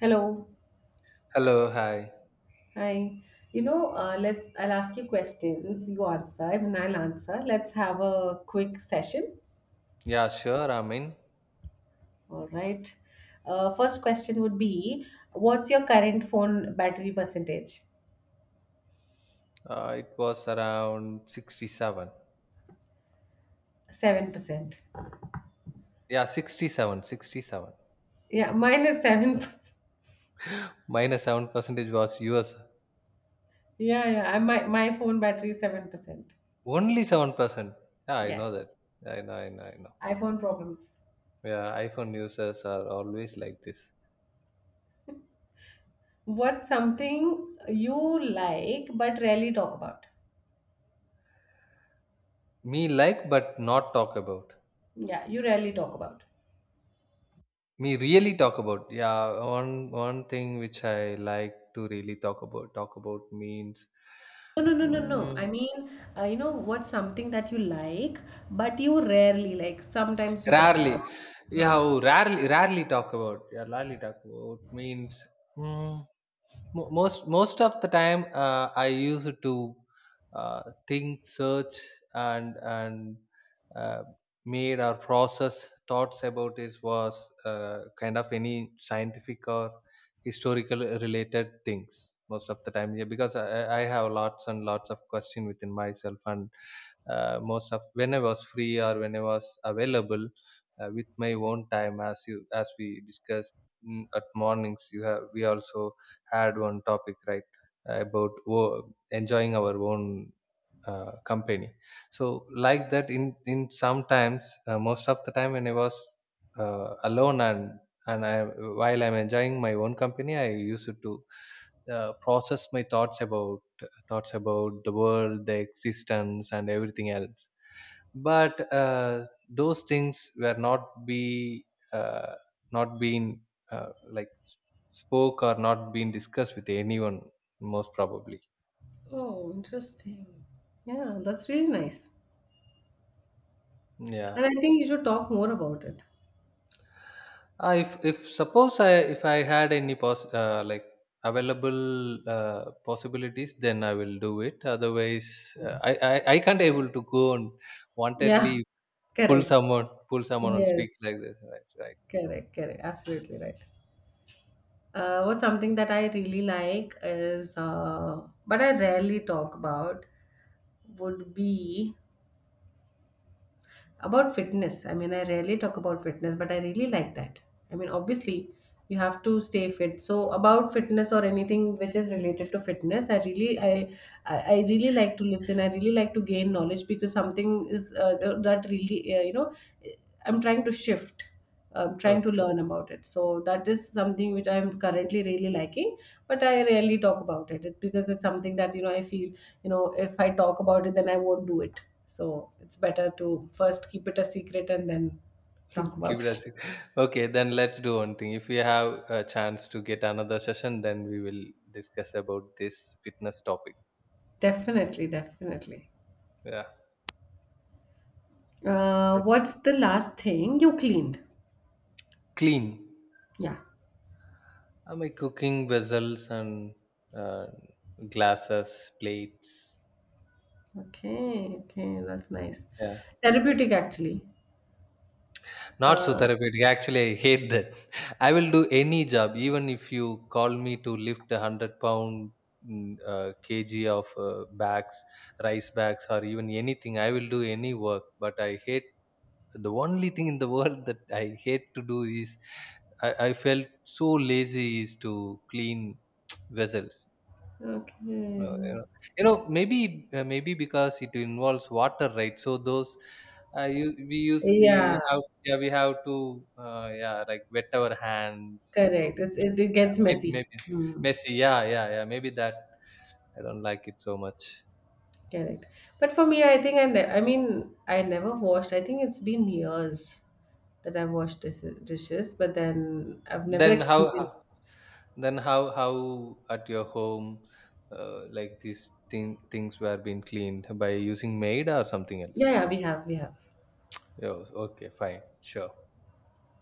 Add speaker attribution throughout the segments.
Speaker 1: Hello.
Speaker 2: Hello, hi.
Speaker 1: Hi. Let's. I'll ask you questions. You answer, and I'll answer. Let's have a quick session.
Speaker 2: Yeah, sure. I mean,
Speaker 1: All right. First question would be, what's your current phone battery percentage?
Speaker 2: it was around 67.
Speaker 1: 7%.
Speaker 2: Yeah, 67, 67.
Speaker 1: Yeah, mine is 7%.
Speaker 2: Minus 7 percentage was US.
Speaker 1: Yeah, yeah. I, my phone battery is 7%.
Speaker 2: Only 7%. Yeah, I know
Speaker 1: Yes,
Speaker 2: that. I know.
Speaker 1: iPhone problems.
Speaker 2: Yeah, iPhone users are always like this.
Speaker 1: What's something you like but rarely talk about?
Speaker 2: Me like, but not talk about.
Speaker 1: Yeah, you rarely talk about.
Speaker 2: Me really talk about. Yeah, one thing which I like to really talk about. Talk about means
Speaker 1: No, no, no, no, no. I
Speaker 2: mm,
Speaker 1: mean, what's something that you like, but you rarely like. Sometimes you talk
Speaker 2: rarely.
Speaker 1: about it.
Speaker 2: Yeah,
Speaker 1: Huh.
Speaker 2: oh, rarely talk about. Yeah, rarely talk about means mm, most of the time I used to uh, think search and uh, made or process thoughts about this was kind of any scientific or historical related things most of the time, yeah, because I have lots and lots of question within myself, and most of when I was free or when I was available with my own time as you as we discussed. At mornings you have we also add one topic, right, about enjoying our own company. So like that, in sometimes most of the time when I was alone, and i, while I'm enjoying my own company, I used to process my thoughts about the world, the existence, and everything else. But those things were not be uh, not been like spoke or not been discussed with anyone most probably.
Speaker 1: Oh, interesting. Yeah, that's really nice.
Speaker 2: Yeah,
Speaker 1: And I think you should talk more about it.
Speaker 2: if suppose I if I had any pos like available possibilities, then I will do it. Otherwise, I can't able to go and
Speaker 1: Yeah,
Speaker 2: wantedly
Speaker 1: correct.
Speaker 2: pull someone and speak
Speaker 1: Yes,
Speaker 2: like this, right?
Speaker 1: correct, correct. Absolutely right. What's something that I really like is, but I rarely talk about, would be about fitness. I mean, I rarely talk about fitness, but I really like that. I mean, obviously, you have to stay fit. So, about fitness or anything which is related to fitness, I really, I really like to listen. I really like to gain knowledge because something is that really, I'm trying to shift, trying to
Speaker 2: Right.
Speaker 1: learn about it. So that is something which I am currently really liking, but I rarely talk about it because it's something that, you know, I feel, you know, if I talk about it, then I won't do it. So it's better to first keep it a secret and then talk about it.
Speaker 2: Curiosity. Okay, then let's do one thing. If we have a chance to get another session, then we will discuss about this fitness topic.
Speaker 1: Definitely, definitely.
Speaker 2: Yeah. Okay.
Speaker 1: What's the last thing you cleaned?
Speaker 2: Clean.
Speaker 1: Yeah.
Speaker 2: My cooking vessels and uh, glasses, plates.
Speaker 1: Okay. Okay, that's nice.
Speaker 2: Yeah.
Speaker 1: Therapeutic, actually.
Speaker 2: Not so
Speaker 1: Uh,
Speaker 2: therapeutic. Actually, I hate that. I will do any job, even if you call me to lift a hundred pound kg of bags, rice bags, or even anything. I will do any work, but I hate, the only thing in the world that I hate to do is, I felt so lazy, is to clean vessels. You know,
Speaker 1: okay.
Speaker 2: you know, maybe maybe because it involves water, right? So those we use, we
Speaker 1: Yeah,
Speaker 2: have, yeah, we have to yeah, like, wet our hands.
Speaker 1: correct.
Speaker 2: So
Speaker 1: It
Speaker 2: yeah,
Speaker 1: gets messy.
Speaker 2: maybe
Speaker 1: Hmm.
Speaker 2: messy. Yeah. Maybe that I don't like it so much.
Speaker 1: Correct. But for me, I think I mean, I never washed. I think it's been years that I've washed dishes, but then I've never
Speaker 2: Then
Speaker 1: experienced.
Speaker 2: how? Then how at your home like these things were being cleaned by using maid or something else?
Speaker 1: Yeah, yeah, we have.
Speaker 2: Oh, okay, fine, sure.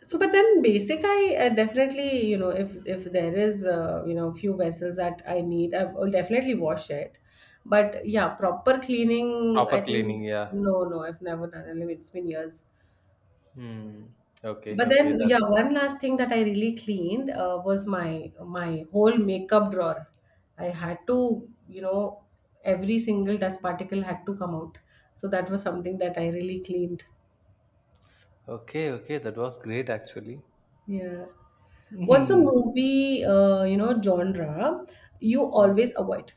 Speaker 1: So, but then basic, I, definitely, you know, if there is, few vessels that I need, I will definitely wash it. But yeah, proper cleaning, I
Speaker 2: Proper
Speaker 1: think,
Speaker 2: cleaning, yeah.
Speaker 1: no, no, I've never done it. I mean, it's been years.
Speaker 2: Hmm. Okay,
Speaker 1: But
Speaker 2: okay,
Speaker 1: then,
Speaker 2: that's
Speaker 1: yeah,
Speaker 2: good.
Speaker 1: one last thing that I really cleaned was my whole makeup drawer. I had to, every single dust particle had to come out. So that was something that I really cleaned.
Speaker 2: Okay, okay, that was great actually.
Speaker 1: Yeah. What's a
Speaker 2: Mhm.
Speaker 1: movie, genre you
Speaker 2: Mm.
Speaker 1: always avoid?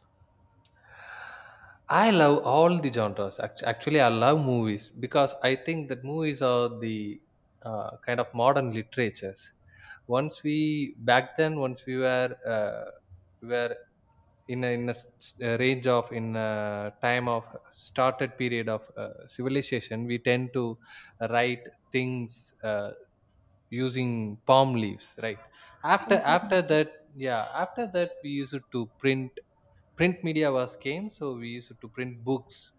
Speaker 2: I love all the genres. Actually, I love movies because I think that movies are the kind of modern literatures. Once we were we were in a a range of, in a time of started period of civilization, we tend to write things using palm leaves, right? After that, yeah, after that we used to print. Print media was came, so we used to print books.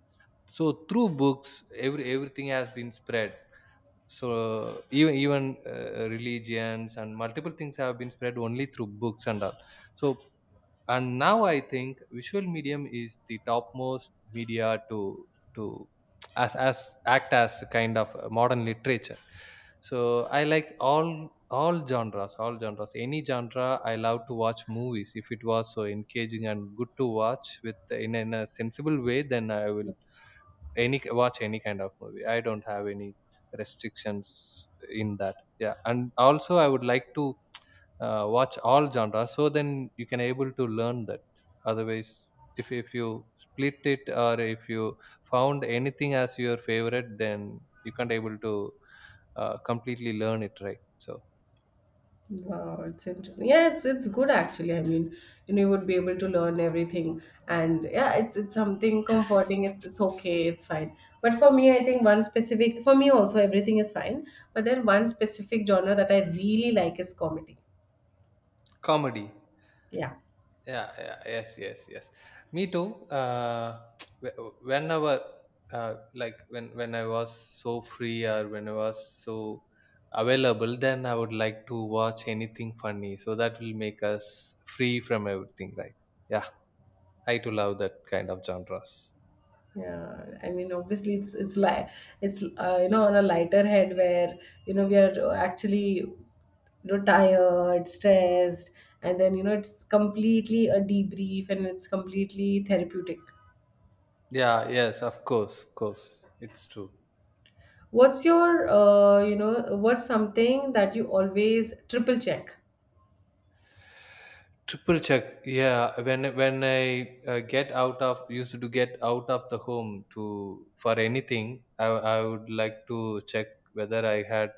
Speaker 2: So through books, everything has been spread. So even religions and multiple things have been spread only through books and all. So, and now I think visual medium is the topmost media to, as act as a kind of a modern literature. So I like all genres, any genre. I love to watch movies if it was so engaging and good to watch with, in a sensible way. Then I will any watch any kind of movie. I don't have any restrictions in that. Yeah, and also I would like to watch all genres, so then you can able to learn that. Otherwise, if you split it or if you found anything as your favorite, then you can't able to completely learn it, right? So,
Speaker 1: Wow, it's interesting. Yeah, it's good actually. I mean, you would be able to learn everything, and yeah, it's something comforting. It's okay. It's fine. But for me, I think one specific, for me also everything is fine. But then one specific genre that I really like is comedy.
Speaker 2: comedy.
Speaker 1: Yeah,
Speaker 2: Yeah, yes, yes. Me too. Whenever like, when I was so free or when I was so available, then I would like to watch anything funny, so that will make us free from everything, right? Yeah, I too love that kind of genres.
Speaker 1: yeah. I mean, obviously, it's like it's you know, on a lighter head where, you know, we are actually, you know, tired, stressed, and then, you know, it's completely a debrief and it's completely therapeutic.
Speaker 2: Yeah, yes, of course, it's true.
Speaker 1: What's something that you always triple check?
Speaker 2: Triple check. Yeah, when I get out of used to get out of the home to, for anything, I I would like to check whether I had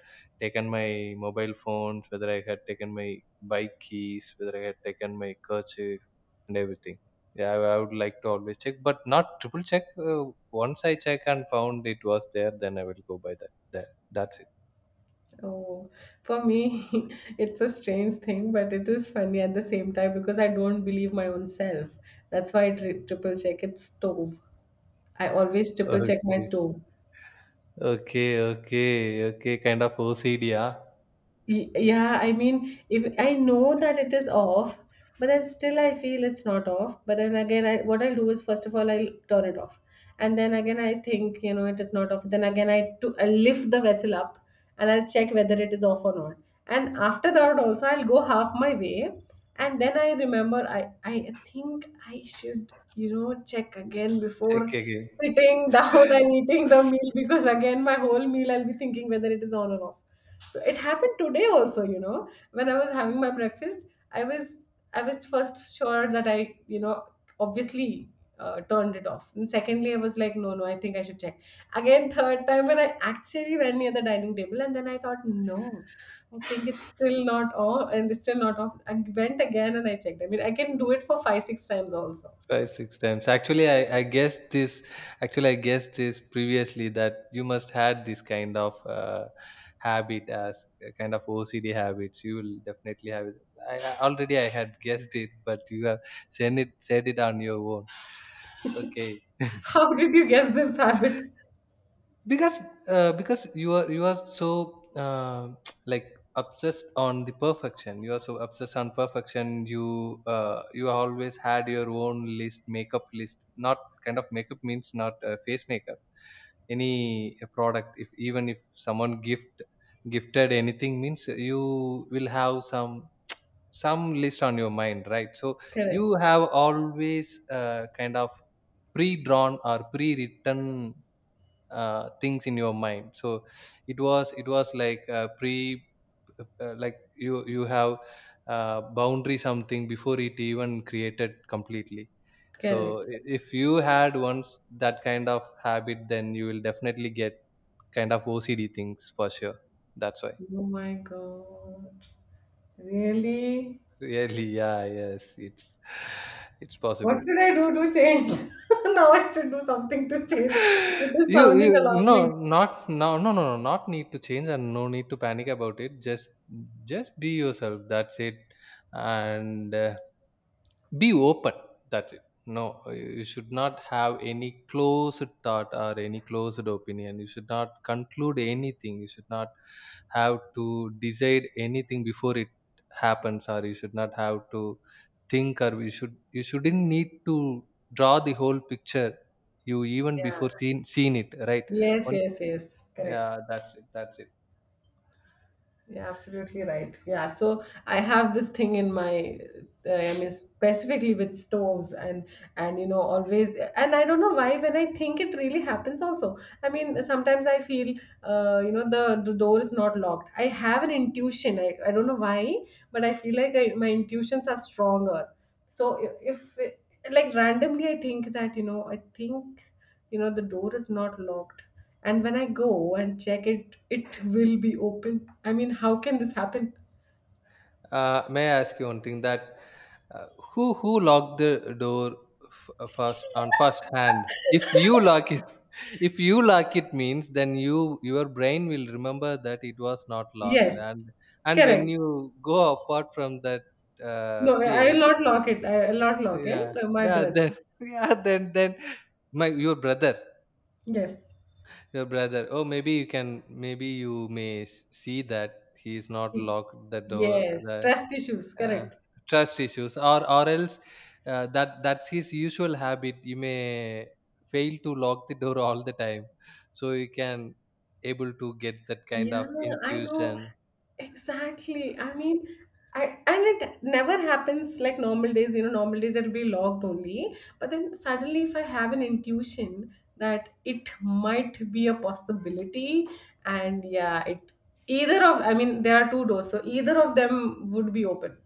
Speaker 2: taken my mobile phones, whether I had taken my bike keys, whether I had taken my kerchief, and everything. Yeah, I would like to always check, but not triple check. Once I check and found it was there, then I will go by that. That's it.
Speaker 1: Oh, for me, it's a strange thing, but it is funny at the same time because I don't believe my own self. That's why I triple check. It's stove. I always triple
Speaker 2: Okay,
Speaker 1: check my stove.
Speaker 2: okay. Kind of OCD, yeah.
Speaker 1: Yeah, I mean, if I know that it is off, but then still I feel it's not off. But then again, what I'll do is first of all I'll turn it off, and then again I think, you know, it is not off. Then again I lift the vessel up and I'll check whether it is off or not. And after that also I'll go half my way, and then I remember I think I should, you know, check again before
Speaker 2: Okay, okay.
Speaker 1: sitting down and eating the meal, because again my whole meal I'll be thinking whether it is on or off. So it happened today also, you know, when I was having my breakfast, i was I was first sure that I, you know, obviously, turned it off. And secondly, I was like, no, no, I think I should check again. Third time, when I actually went near the dining table and then I thought, no, I think it's still not off, and it's still not off. I went again and I checked. I mean, I can do it for 5, 6 times also.
Speaker 2: Five, six times. Actually, I guessed this. Actually, I guessed this previously that you must had this kind of habit, as a kind of OCD habits. You will definitely have it. I already I had guessed it, but you have said it, on your own. Okay,
Speaker 1: How did you guess this habit?
Speaker 2: because because you are so like obsessed on the perfection. You are so obsessed on perfection. You you always had your own list, makeup list. Not kind of makeup means, not face makeup. Any product, if even if someone gifted anything means, you will have some list on your mind, right? So you
Speaker 1: Correct,
Speaker 2: have always kind of pre-drawn or pre-written things in your mind. So it was like pre like, you have boundary, something before it even created completely. So
Speaker 1: correct.
Speaker 2: if you had once that kind of habit, then you will definitely get kind of OCD things for sure. That's why.
Speaker 1: Oh my god, really?
Speaker 2: Really. Yeah, yes, it's
Speaker 1: What
Speaker 2: possible.
Speaker 1: should I do to change? Now I should do something to change. It is
Speaker 2: You
Speaker 1: sounding
Speaker 2: No,
Speaker 1: alarming.
Speaker 2: not no, not need to change, and no need to panic about it. Just be yourself, that's it. And be open, that's it. No, you should not have any closed thought or any closed opinion. You should not conclude anything. You should not have to decide anything before it happens, or you should not have to think, or you shouldn't need to draw the whole picture you, even
Speaker 1: Yeah.
Speaker 2: before seen it, right?
Speaker 1: Yes,
Speaker 2: One,
Speaker 1: yes, yes. Correct.
Speaker 2: yeah, that's it, that's it.
Speaker 1: Yeah, absolutely right. Yeah, so I have this thing in my, I mean, specifically with stoves, and you know, always, and I don't know why. When I think it really happens, also. I mean, sometimes I feel, the door is not locked. I have an intuition. I don't know why, but I feel like my intuitions are stronger. So if, like, randomly, I think that, I think, the door is not locked. And when I go and check it, it will be open. I mean, how can this happen?
Speaker 2: May I ask you one thing that uh, who locked the door first, on first hand? If you lock it, if you lock it means, then you, your brain will remember that it was not locked,
Speaker 1: Yes,
Speaker 2: and when
Speaker 1: correct.
Speaker 2: you go apart from that
Speaker 1: No, I will
Speaker 2: place,
Speaker 1: not lock it. I will not lock it.
Speaker 2: yeah,
Speaker 1: My
Speaker 2: yeah,
Speaker 1: brother.
Speaker 2: then yeah, then my your brother,
Speaker 1: Yes.
Speaker 2: your brother. Oh, maybe you can, maybe you may see that he is not locked the door.
Speaker 1: Yes,
Speaker 2: The
Speaker 1: trust issues,
Speaker 2: Yeah,
Speaker 1: correct.
Speaker 2: trust issues, or else that that's his usual habit. You may fail to lock the door all the time, so you can able to get that kind
Speaker 1: Yeah,
Speaker 2: of
Speaker 1: I know
Speaker 2: intuition.
Speaker 1: exactly. I mean, I and it never happens like normal days. You know, normal days it'll be locked only. But then suddenly, if I have an intuition that it might be a possibility, and yeah, it either of I mean, there are two doors, so either of them would be open.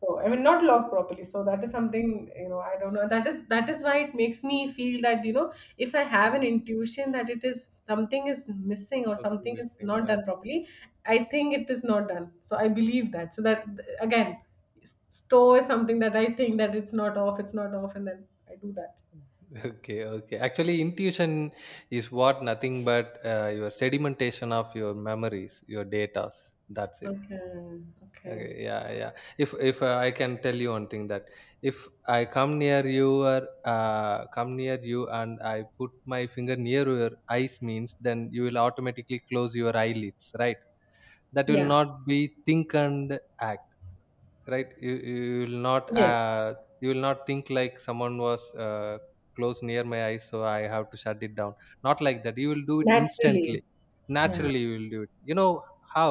Speaker 1: So I mean, not locked properly. So that is something, you know. I don't know. That is why it makes me feel that, if I have an
Speaker 2: Mm,
Speaker 1: intuition that it is something is missing or
Speaker 2: Something
Speaker 1: something is
Speaker 2: missing.
Speaker 1: not
Speaker 2: Yeah.
Speaker 1: done properly, I think it is not done. So I believe that. So that again, store is something that I think that it's not off, and then I do that.
Speaker 2: Okay. Okay. Actually, intuition is what nothing but your sedimentation of your memories, your datas. That's it.
Speaker 1: Okay. Okay.
Speaker 2: Okay, yeah, yeah. If I can tell you one thing that, if I come near you or come near you and I put my finger near your eyes means, then you will automatically close your eyelids, right? That will
Speaker 1: Yeah.
Speaker 2: not be think and act, right? You will not
Speaker 1: Yes.
Speaker 2: you will not think like someone was close near my eyes, so I have to shut it down. Not like that, you will do it instantly,
Speaker 1: Naturally. Yeah.
Speaker 2: naturally. You will do it, you know how?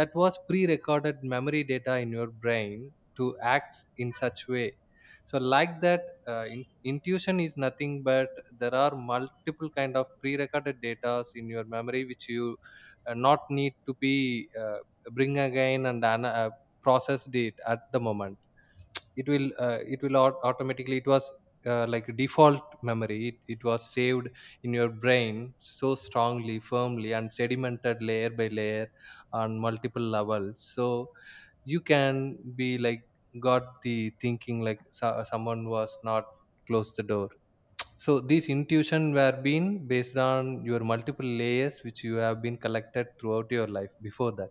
Speaker 2: That was pre-recorded memory data in your brain to act in such way. So like that, intuition is nothing but there are multiple kind of pre-recorded data in your memory which you not need to be bring again and processed it at the moment. It will it will automatically, it was like a default memory. It was saved in your brain so strongly, firmly, and sedimented layer by layer on multiple levels. So you can be like got the thinking like, so, someone was not close the door. So these intuition were being based on your multiple layers which you have been collected throughout your life before that.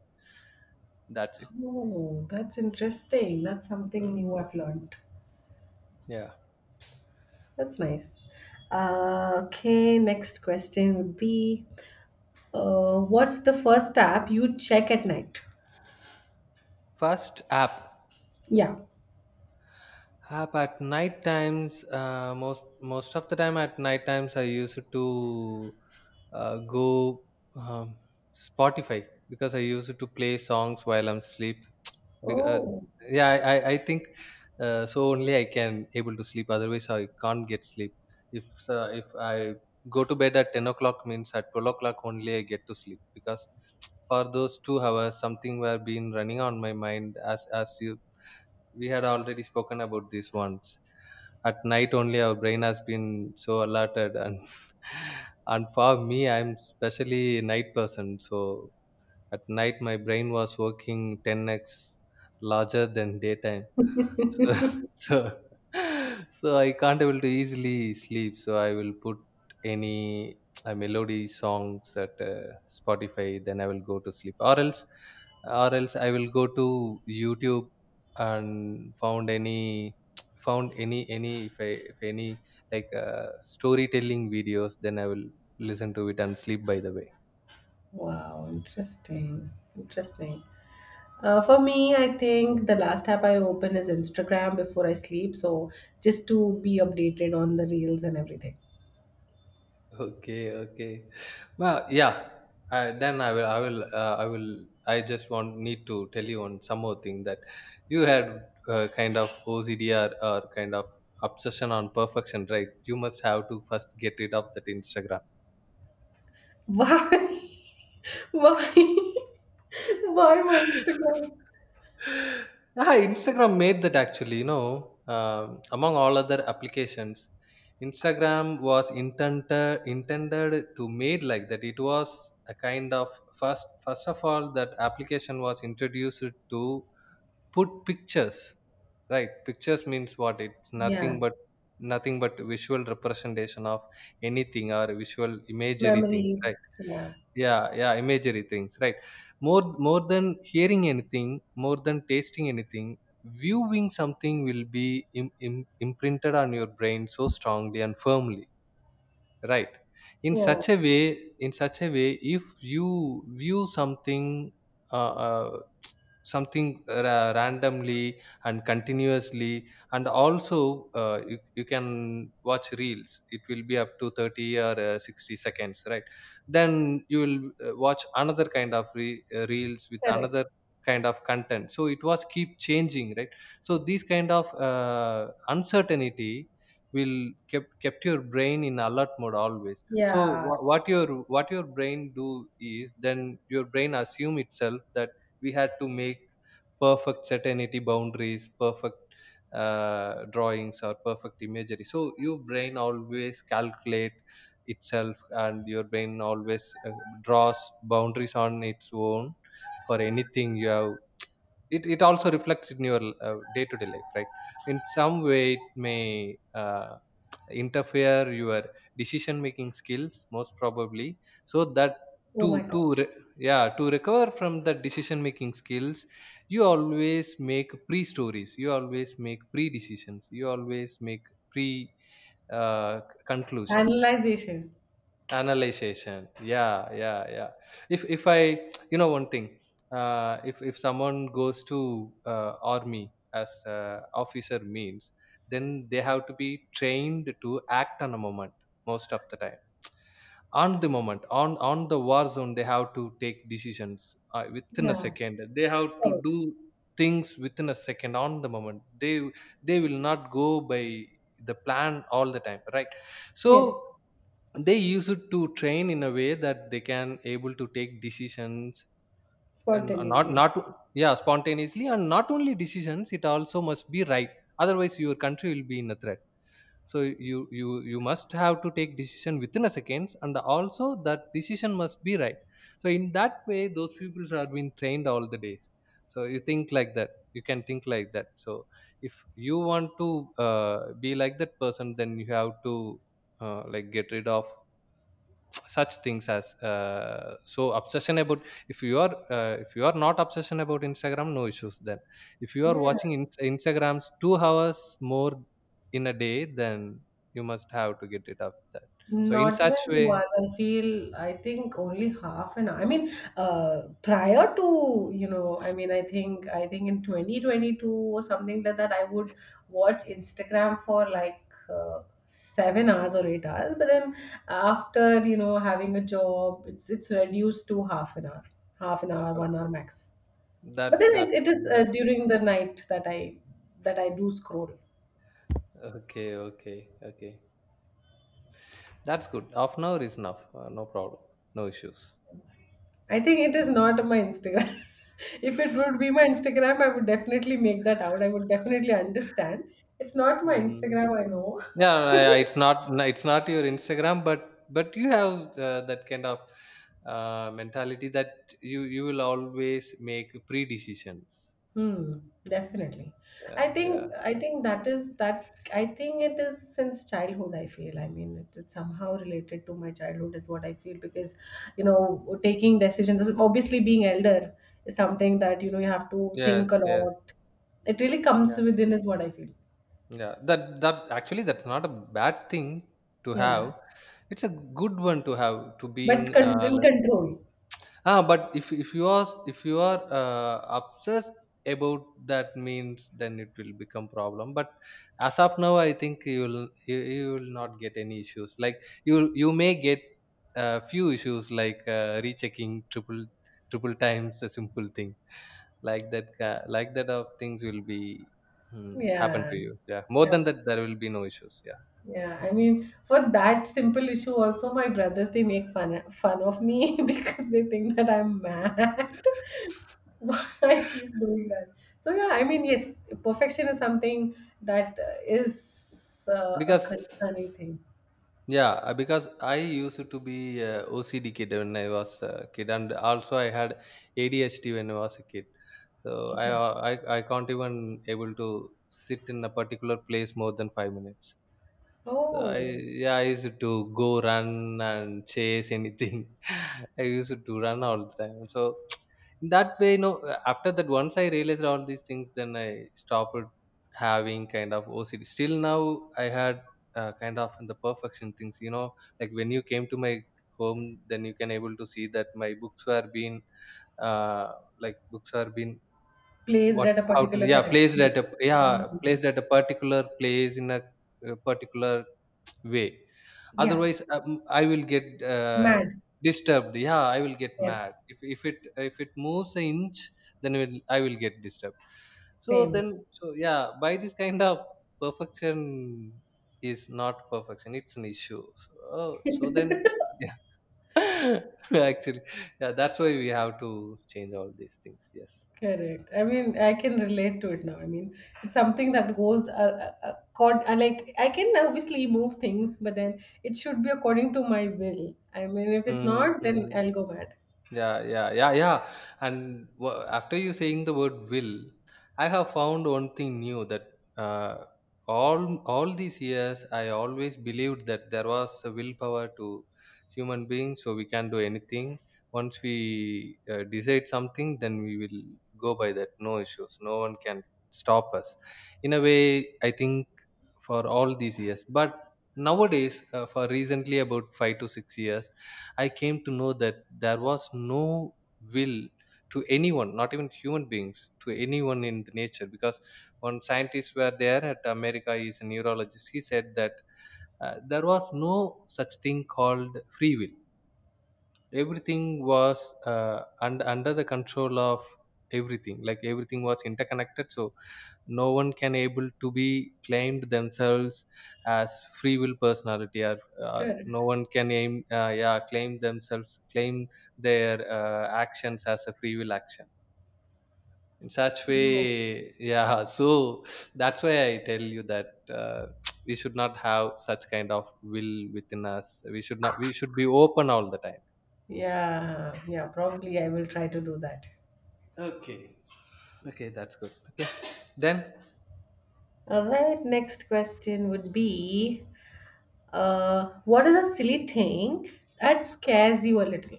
Speaker 2: That's it.
Speaker 1: Oh, that's interesting. That's something
Speaker 2: Mm,
Speaker 1: new I've learned.
Speaker 2: yeah.
Speaker 1: That's nice. Okay, next question would be, what's the first app you check at night?
Speaker 2: First app.
Speaker 1: Yeah.
Speaker 2: Ah, but at night times, most of the time at night times, I used to go um, Spotify, because I used to play songs while I'm sleep. Bec- uh,
Speaker 1: Oh.
Speaker 2: yeah, I think so only I can able to sleep. Otherwise, I can't get sleep. If I go to bed at 10 o'clock means at 12 o'clock only I get to sleep, because for those 2 hours something were been running on my mind, as you we had already spoken about this once. At night only our brain has been so alerted, and and for me I'm especially a night person. So at night my brain was working 10x larger than daytime. So so so I can't able to easily sleep. So I will put any melody songs at Spotify. Then I will go to sleep, or else, I will go to YouTube and found any found any if any like storytelling videos. Then I will listen to it and sleep. By the way.
Speaker 1: Wow, interesting. Interesting. For me, I think the last app I open is Instagram before I sleep. So, just to be updated on the reels and everything.
Speaker 2: Okay, okay. Well, yeah. Then I will. I just want need to tell you on some more thing, that you had kind of OCD or kind of obsession on perfection, right? You must have to first get rid of that Instagram.
Speaker 1: Why? Why? Why my Instagram?
Speaker 2: Ah, Instagram made that, actually, among all other applications, Instagram was intended to made like that. It was a kind of first of all that application was introduced to put pictures, right? Pictures means what? It's nothing
Speaker 1: Yeah.
Speaker 2: but visual representation of anything, or visual imagery things, right?
Speaker 1: Memories. Yeah.
Speaker 2: Yeah, yeah, imagery things, right. More than hearing anything, more than tasting anything, viewing something will be imprinted on your brain so strongly and firmly, right, in
Speaker 1: Yeah.
Speaker 2: such a way in such a way if you view something, uh, uh, something randomly and continuously. And also you can watch reels, it will be up to 30 or 60 seconds, right? Then you will watch another kind of reels with
Speaker 1: Correct.
Speaker 2: another kind of content, so it was keep changing, right? So these kind of uncertainty will kept your brain in alert mode always. So
Speaker 1: Yeah.
Speaker 2: wha- what your what your brain do is, then your brain assume itself that we had to make perfect certainty boundaries, perfect drawings or perfect imagery. So your brain always calculate itself, and your brain always draws boundaries on its own for anything you have. It also reflects in your day-to-day life, right? In some way it may interfere your decision making skills, most probably. So that
Speaker 1: Oh
Speaker 2: to
Speaker 1: my God.
Speaker 2: to re- yeah, to recover from the decision making skills, you always make pre stories, you always make pre decisions, you always make pre uh, c- conclusions.
Speaker 1: Analyzation.
Speaker 2: Analyzation, yeah, yeah, yeah. If I, you know one thing, if someone goes to army as officer means, then they have to be trained to act on a moment, most of the time. On the moment, on the war zone, they have to take decisions within a
Speaker 1: Yeah,
Speaker 2: second, they have to do
Speaker 1: correct.
Speaker 2: things within a second. On the moment, they will not go by the plan all the time, right? So
Speaker 1: Yes,
Speaker 2: they use it to train in a way that they can able to take decisions, and uh, not
Speaker 1: spontaneously.
Speaker 2: not yeah, spontaneously, and not only decisions, it also must be right. Otherwise your country will be in a threat. So you must have to take decision within a seconds, and also that decision must be right. So in that way those people are being trained all the days. So you think like that, you can think like that. So if you want to be like that person then you have to like get rid of such things as so obsession about, if you are not obsession about Instagram, no issues. Then if you are
Speaker 1: Yeah,
Speaker 2: watching instagrams 2 hours more in a day, then you must have to get rid of that. So in
Speaker 1: not even
Speaker 2: such
Speaker 1: two
Speaker 2: way,
Speaker 1: hours. I feel, I think only half an hour. I mean, prior to, I mean, I think in 2022 or something like that, I would watch Instagram for like, uh, 7 hours or 8 hours. But then after, having a job, it's reduced to half an hour,
Speaker 2: uh,
Speaker 1: 1 hour max. But then
Speaker 2: that's
Speaker 1: it is,
Speaker 2: fine, that will
Speaker 1: during the night that I do scroll.
Speaker 2: be okay. Okay. Okay, that's good. Half an hour is enough, no problem, no issues.
Speaker 1: I think it is not my Instagram. If it would be my Instagram, I would definitely make that out. I would definitely understand. It's not my
Speaker 2: Mm.
Speaker 1: Instagram, I know.
Speaker 2: Yeah, yeah, it's not. No, it's not your Instagram, but you have that kind of mentality that you will always make pre-decisions.
Speaker 1: Hmm, definitely.
Speaker 2: Yeah,
Speaker 1: I think
Speaker 2: yeah,
Speaker 1: I
Speaker 2: yeah.
Speaker 1: think that is that I think it is since childhood, I feel. I mean, it's somehow related to my childhood is what I feel, because, taking decisions, obviously, being elder is something that, you have to
Speaker 2: Yes,
Speaker 1: think a
Speaker 2: yes,
Speaker 1: lot. It really comes
Speaker 2: yeah,
Speaker 1: within is what I feel.
Speaker 2: yeah. That actually, that's not a bad thing to
Speaker 1: Yeah.
Speaker 2: have. It's a good one to have, to
Speaker 1: But
Speaker 2: being
Speaker 1: in control.
Speaker 2: but if you are obsessed about, that means then it will become problem. But as of now I think you will, you will not get any issues, like you may get a few issues like rechecking triple times a simple thing, like that of things will be, mm, happen
Speaker 1: Yeah.
Speaker 2: to you. Yeah. More than
Speaker 1: Absolutely.
Speaker 2: that there will be no issues, yeah,
Speaker 1: Yeah, I mean, for that simple issue, also my brothers they make fun of me because they think that I'm mad. Why I keep doing that? So yeah, I mean, yes, perfection is something that is, a
Speaker 2: because.
Speaker 1: concerning thing.
Speaker 2: Yeah, because I used to be OCD kid when I was a kid, and also I had ADHD when I was a kid. So
Speaker 1: Okay.
Speaker 2: I can't even able to sit in a particular place more than 5 minutes. So I,
Speaker 1: Oh,
Speaker 2: yeah, I used to go run and chase anything. I used to run all the time. So in that way, after that, once I realized all these things, then I stopped having kind of OCD. Still now, I had kind of the perfection things. You know, like when you came to my home, then you can able to see that my books were being uh, like books are being,
Speaker 1: plays
Speaker 2: what,
Speaker 1: at a
Speaker 2: how to,
Speaker 1: particular
Speaker 2: yeah,
Speaker 1: character.
Speaker 2: placed at a, yeah,
Speaker 1: Hmm.
Speaker 2: placed at a particular place in a particular way.
Speaker 1: Yeah,
Speaker 2: Otherwise I will get uh,
Speaker 1: mad.
Speaker 2: disturbed. Yeah, I will get mad,
Speaker 1: Yes,
Speaker 2: if it moves an inch, then I will get disturbed. So
Speaker 1: same.
Speaker 2: then, so yeah, by this kind of perfection is not perfection, it's an issue. So, oh, so then, yeah, actually, yeah, that's why we have to change all these things. Yes.
Speaker 1: Correct. I mean, I can relate to it now. I mean, it's something that goes, accord. Like, I can obviously move things, but then it should be according to my will. I mean, if it's not, then
Speaker 2: Mm-hmm.
Speaker 1: I'll go mad.
Speaker 2: Yeah, yeah, yeah, yeah. And after you saying the word will, I have found one thing new, that uh, all these years I always believed that there was a willpower to human beings, so we can do anything. Once we decide something, then we will go by that. No issues. No one can stop us. In a way, I think, for all these years. But nowadays for recently about 5 to 6 years I came to know that there was no will to anyone, not even human beings, to anyone in the nature, because when scientists were there at America, he's a neurologist, he said that there was no such thing called free will. Everything was uh, under the control of everything, like everything was interconnected. So no one can able to be claimed themselves as free will personality, or
Speaker 1: Correct.
Speaker 2: no one can aim yeah, claim themselves, claim their actions as a free will action, in such
Speaker 1: No.
Speaker 2: way, yeah. So that's why I tell you that, we should not have such kind of will within us, we should not, we should be open all the time.
Speaker 1: Yeah, yeah. Probably I will try to do that.
Speaker 2: Okay. Okay, that's good. Okay. Then.
Speaker 1: All right. Next question would be, what is a silly thing that scares you a little?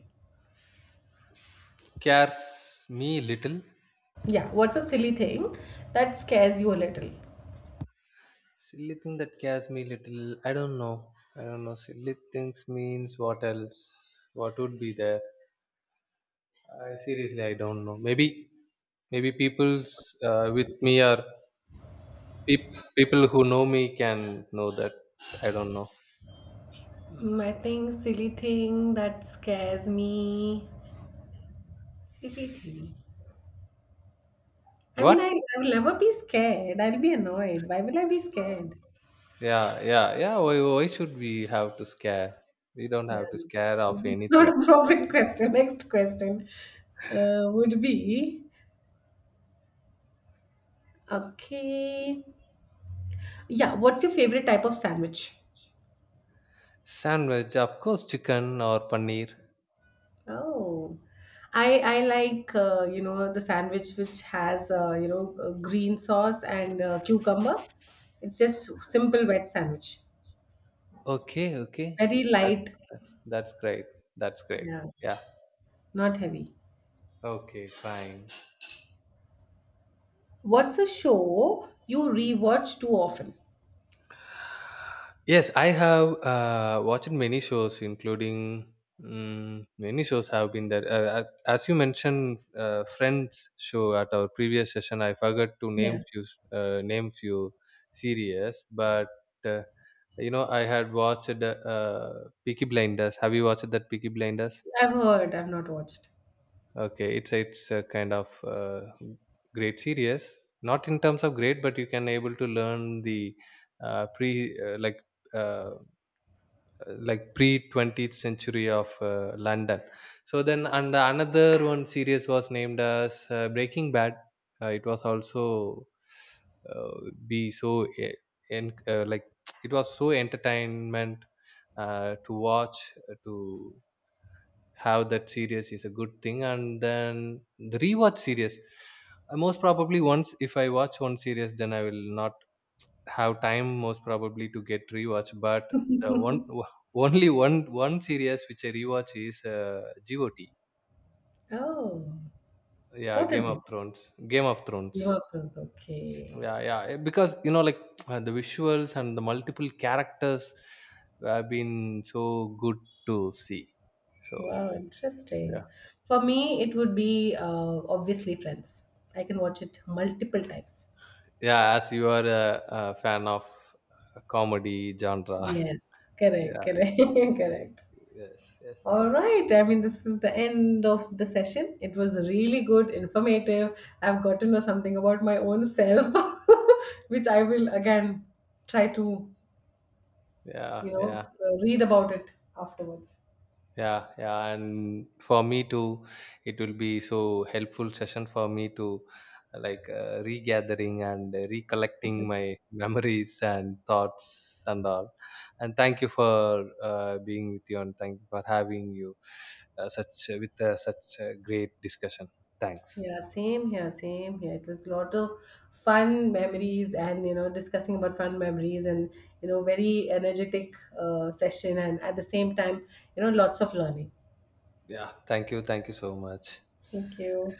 Speaker 2: Cares me little.
Speaker 1: Yeah. What's a silly thing that scares you a little?
Speaker 2: Silly thing that scares me little. I don't know. I don't know. Silly things means what else? What would be there? I seriously, I don't know. Maybe, maybe people's with me, or people who know me can know that. I don't know.
Speaker 1: I think silly thing that scares me. Silly thing. I mean, I,
Speaker 2: What?
Speaker 1: I will never be scared. I'll be annoyed. Why will I be scared?
Speaker 2: Yeah, yeah, yeah. Why, should we have to scare? We don't
Speaker 1: Yeah.
Speaker 2: have to scare of
Speaker 1: This is not
Speaker 2: anything.
Speaker 1: a profit question. Next question, would be okay. Yeah. What's your favorite type of sandwich?
Speaker 2: Sandwich, of course, chicken or paneer.
Speaker 1: Oh, I like, the sandwich which has, green sauce and, cucumber. It's just simple wet sandwich,
Speaker 2: Okay, okay.
Speaker 1: very
Speaker 2: That's
Speaker 1: light.
Speaker 2: that's great. That's great.
Speaker 1: Yeah,
Speaker 2: Yeah.
Speaker 1: not heavy.
Speaker 2: Okay, fine.
Speaker 1: What's a show you rewatch too often?
Speaker 2: Yes, I have watched many shows, including, mm, many shows have been there. As you mentioned, Friends show at our previous session, I forgot to name
Speaker 1: Yeah,
Speaker 2: few uh, name few series. But uh, you know, I had watched Peaky Blinders. Have you watched that Peaky Blinders?
Speaker 1: I've heard, I've not watched.
Speaker 2: Okay, it's a kind of great series. Not in terms of great, but you can able to learn the pre like. Uh, like pre 20th century of London. So then, and another one series was named as Breaking Bad. It was also uh, be so e- en- like it was so entertainment to watch, to have. That series is a good thing, and then the rewatch series, most probably, once if I watch one series, then I will not have time, most probably, to get rewatch. But the one only one series which I rewatch is got
Speaker 1: Oh,
Speaker 2: yeah,
Speaker 1: what
Speaker 2: Game
Speaker 1: is
Speaker 2: of
Speaker 1: it?
Speaker 2: Thrones. Game of Thrones.
Speaker 1: Game of Thrones. Okay.
Speaker 2: Yeah, yeah, because like, the visuals and the multiple characters have been so good to see. So,
Speaker 1: Wow,
Speaker 2: yeah,
Speaker 1: interesting. For me, it would be, obviously, Friends. I can watch it multiple times.
Speaker 2: yeah, as you are a fan of comedy genre.
Speaker 1: Yes, correct,
Speaker 2: Yeah,
Speaker 1: correct,
Speaker 2: eh,
Speaker 1: correct.
Speaker 2: yes, yes,
Speaker 1: All right. I mean, this is the end of the session. It was really good, informative. I've got to know something about my own self, which I will again try to,
Speaker 2: yeah, yeah.
Speaker 1: read about it afterwards.
Speaker 2: Yeah, yeah, and for me too, it will be so helpful session for me to like regathering and recollecting my memories and thoughts and all. And thank you for being with you, and thank you for having you such with such a great discussion. Thanks.
Speaker 1: Yeah, same here, same here. It was a lot of fun memories and, discussing about fun memories and, very energetic, session, and at the same time, lots of learning.
Speaker 2: Yeah, thank you so much.
Speaker 1: Thank you.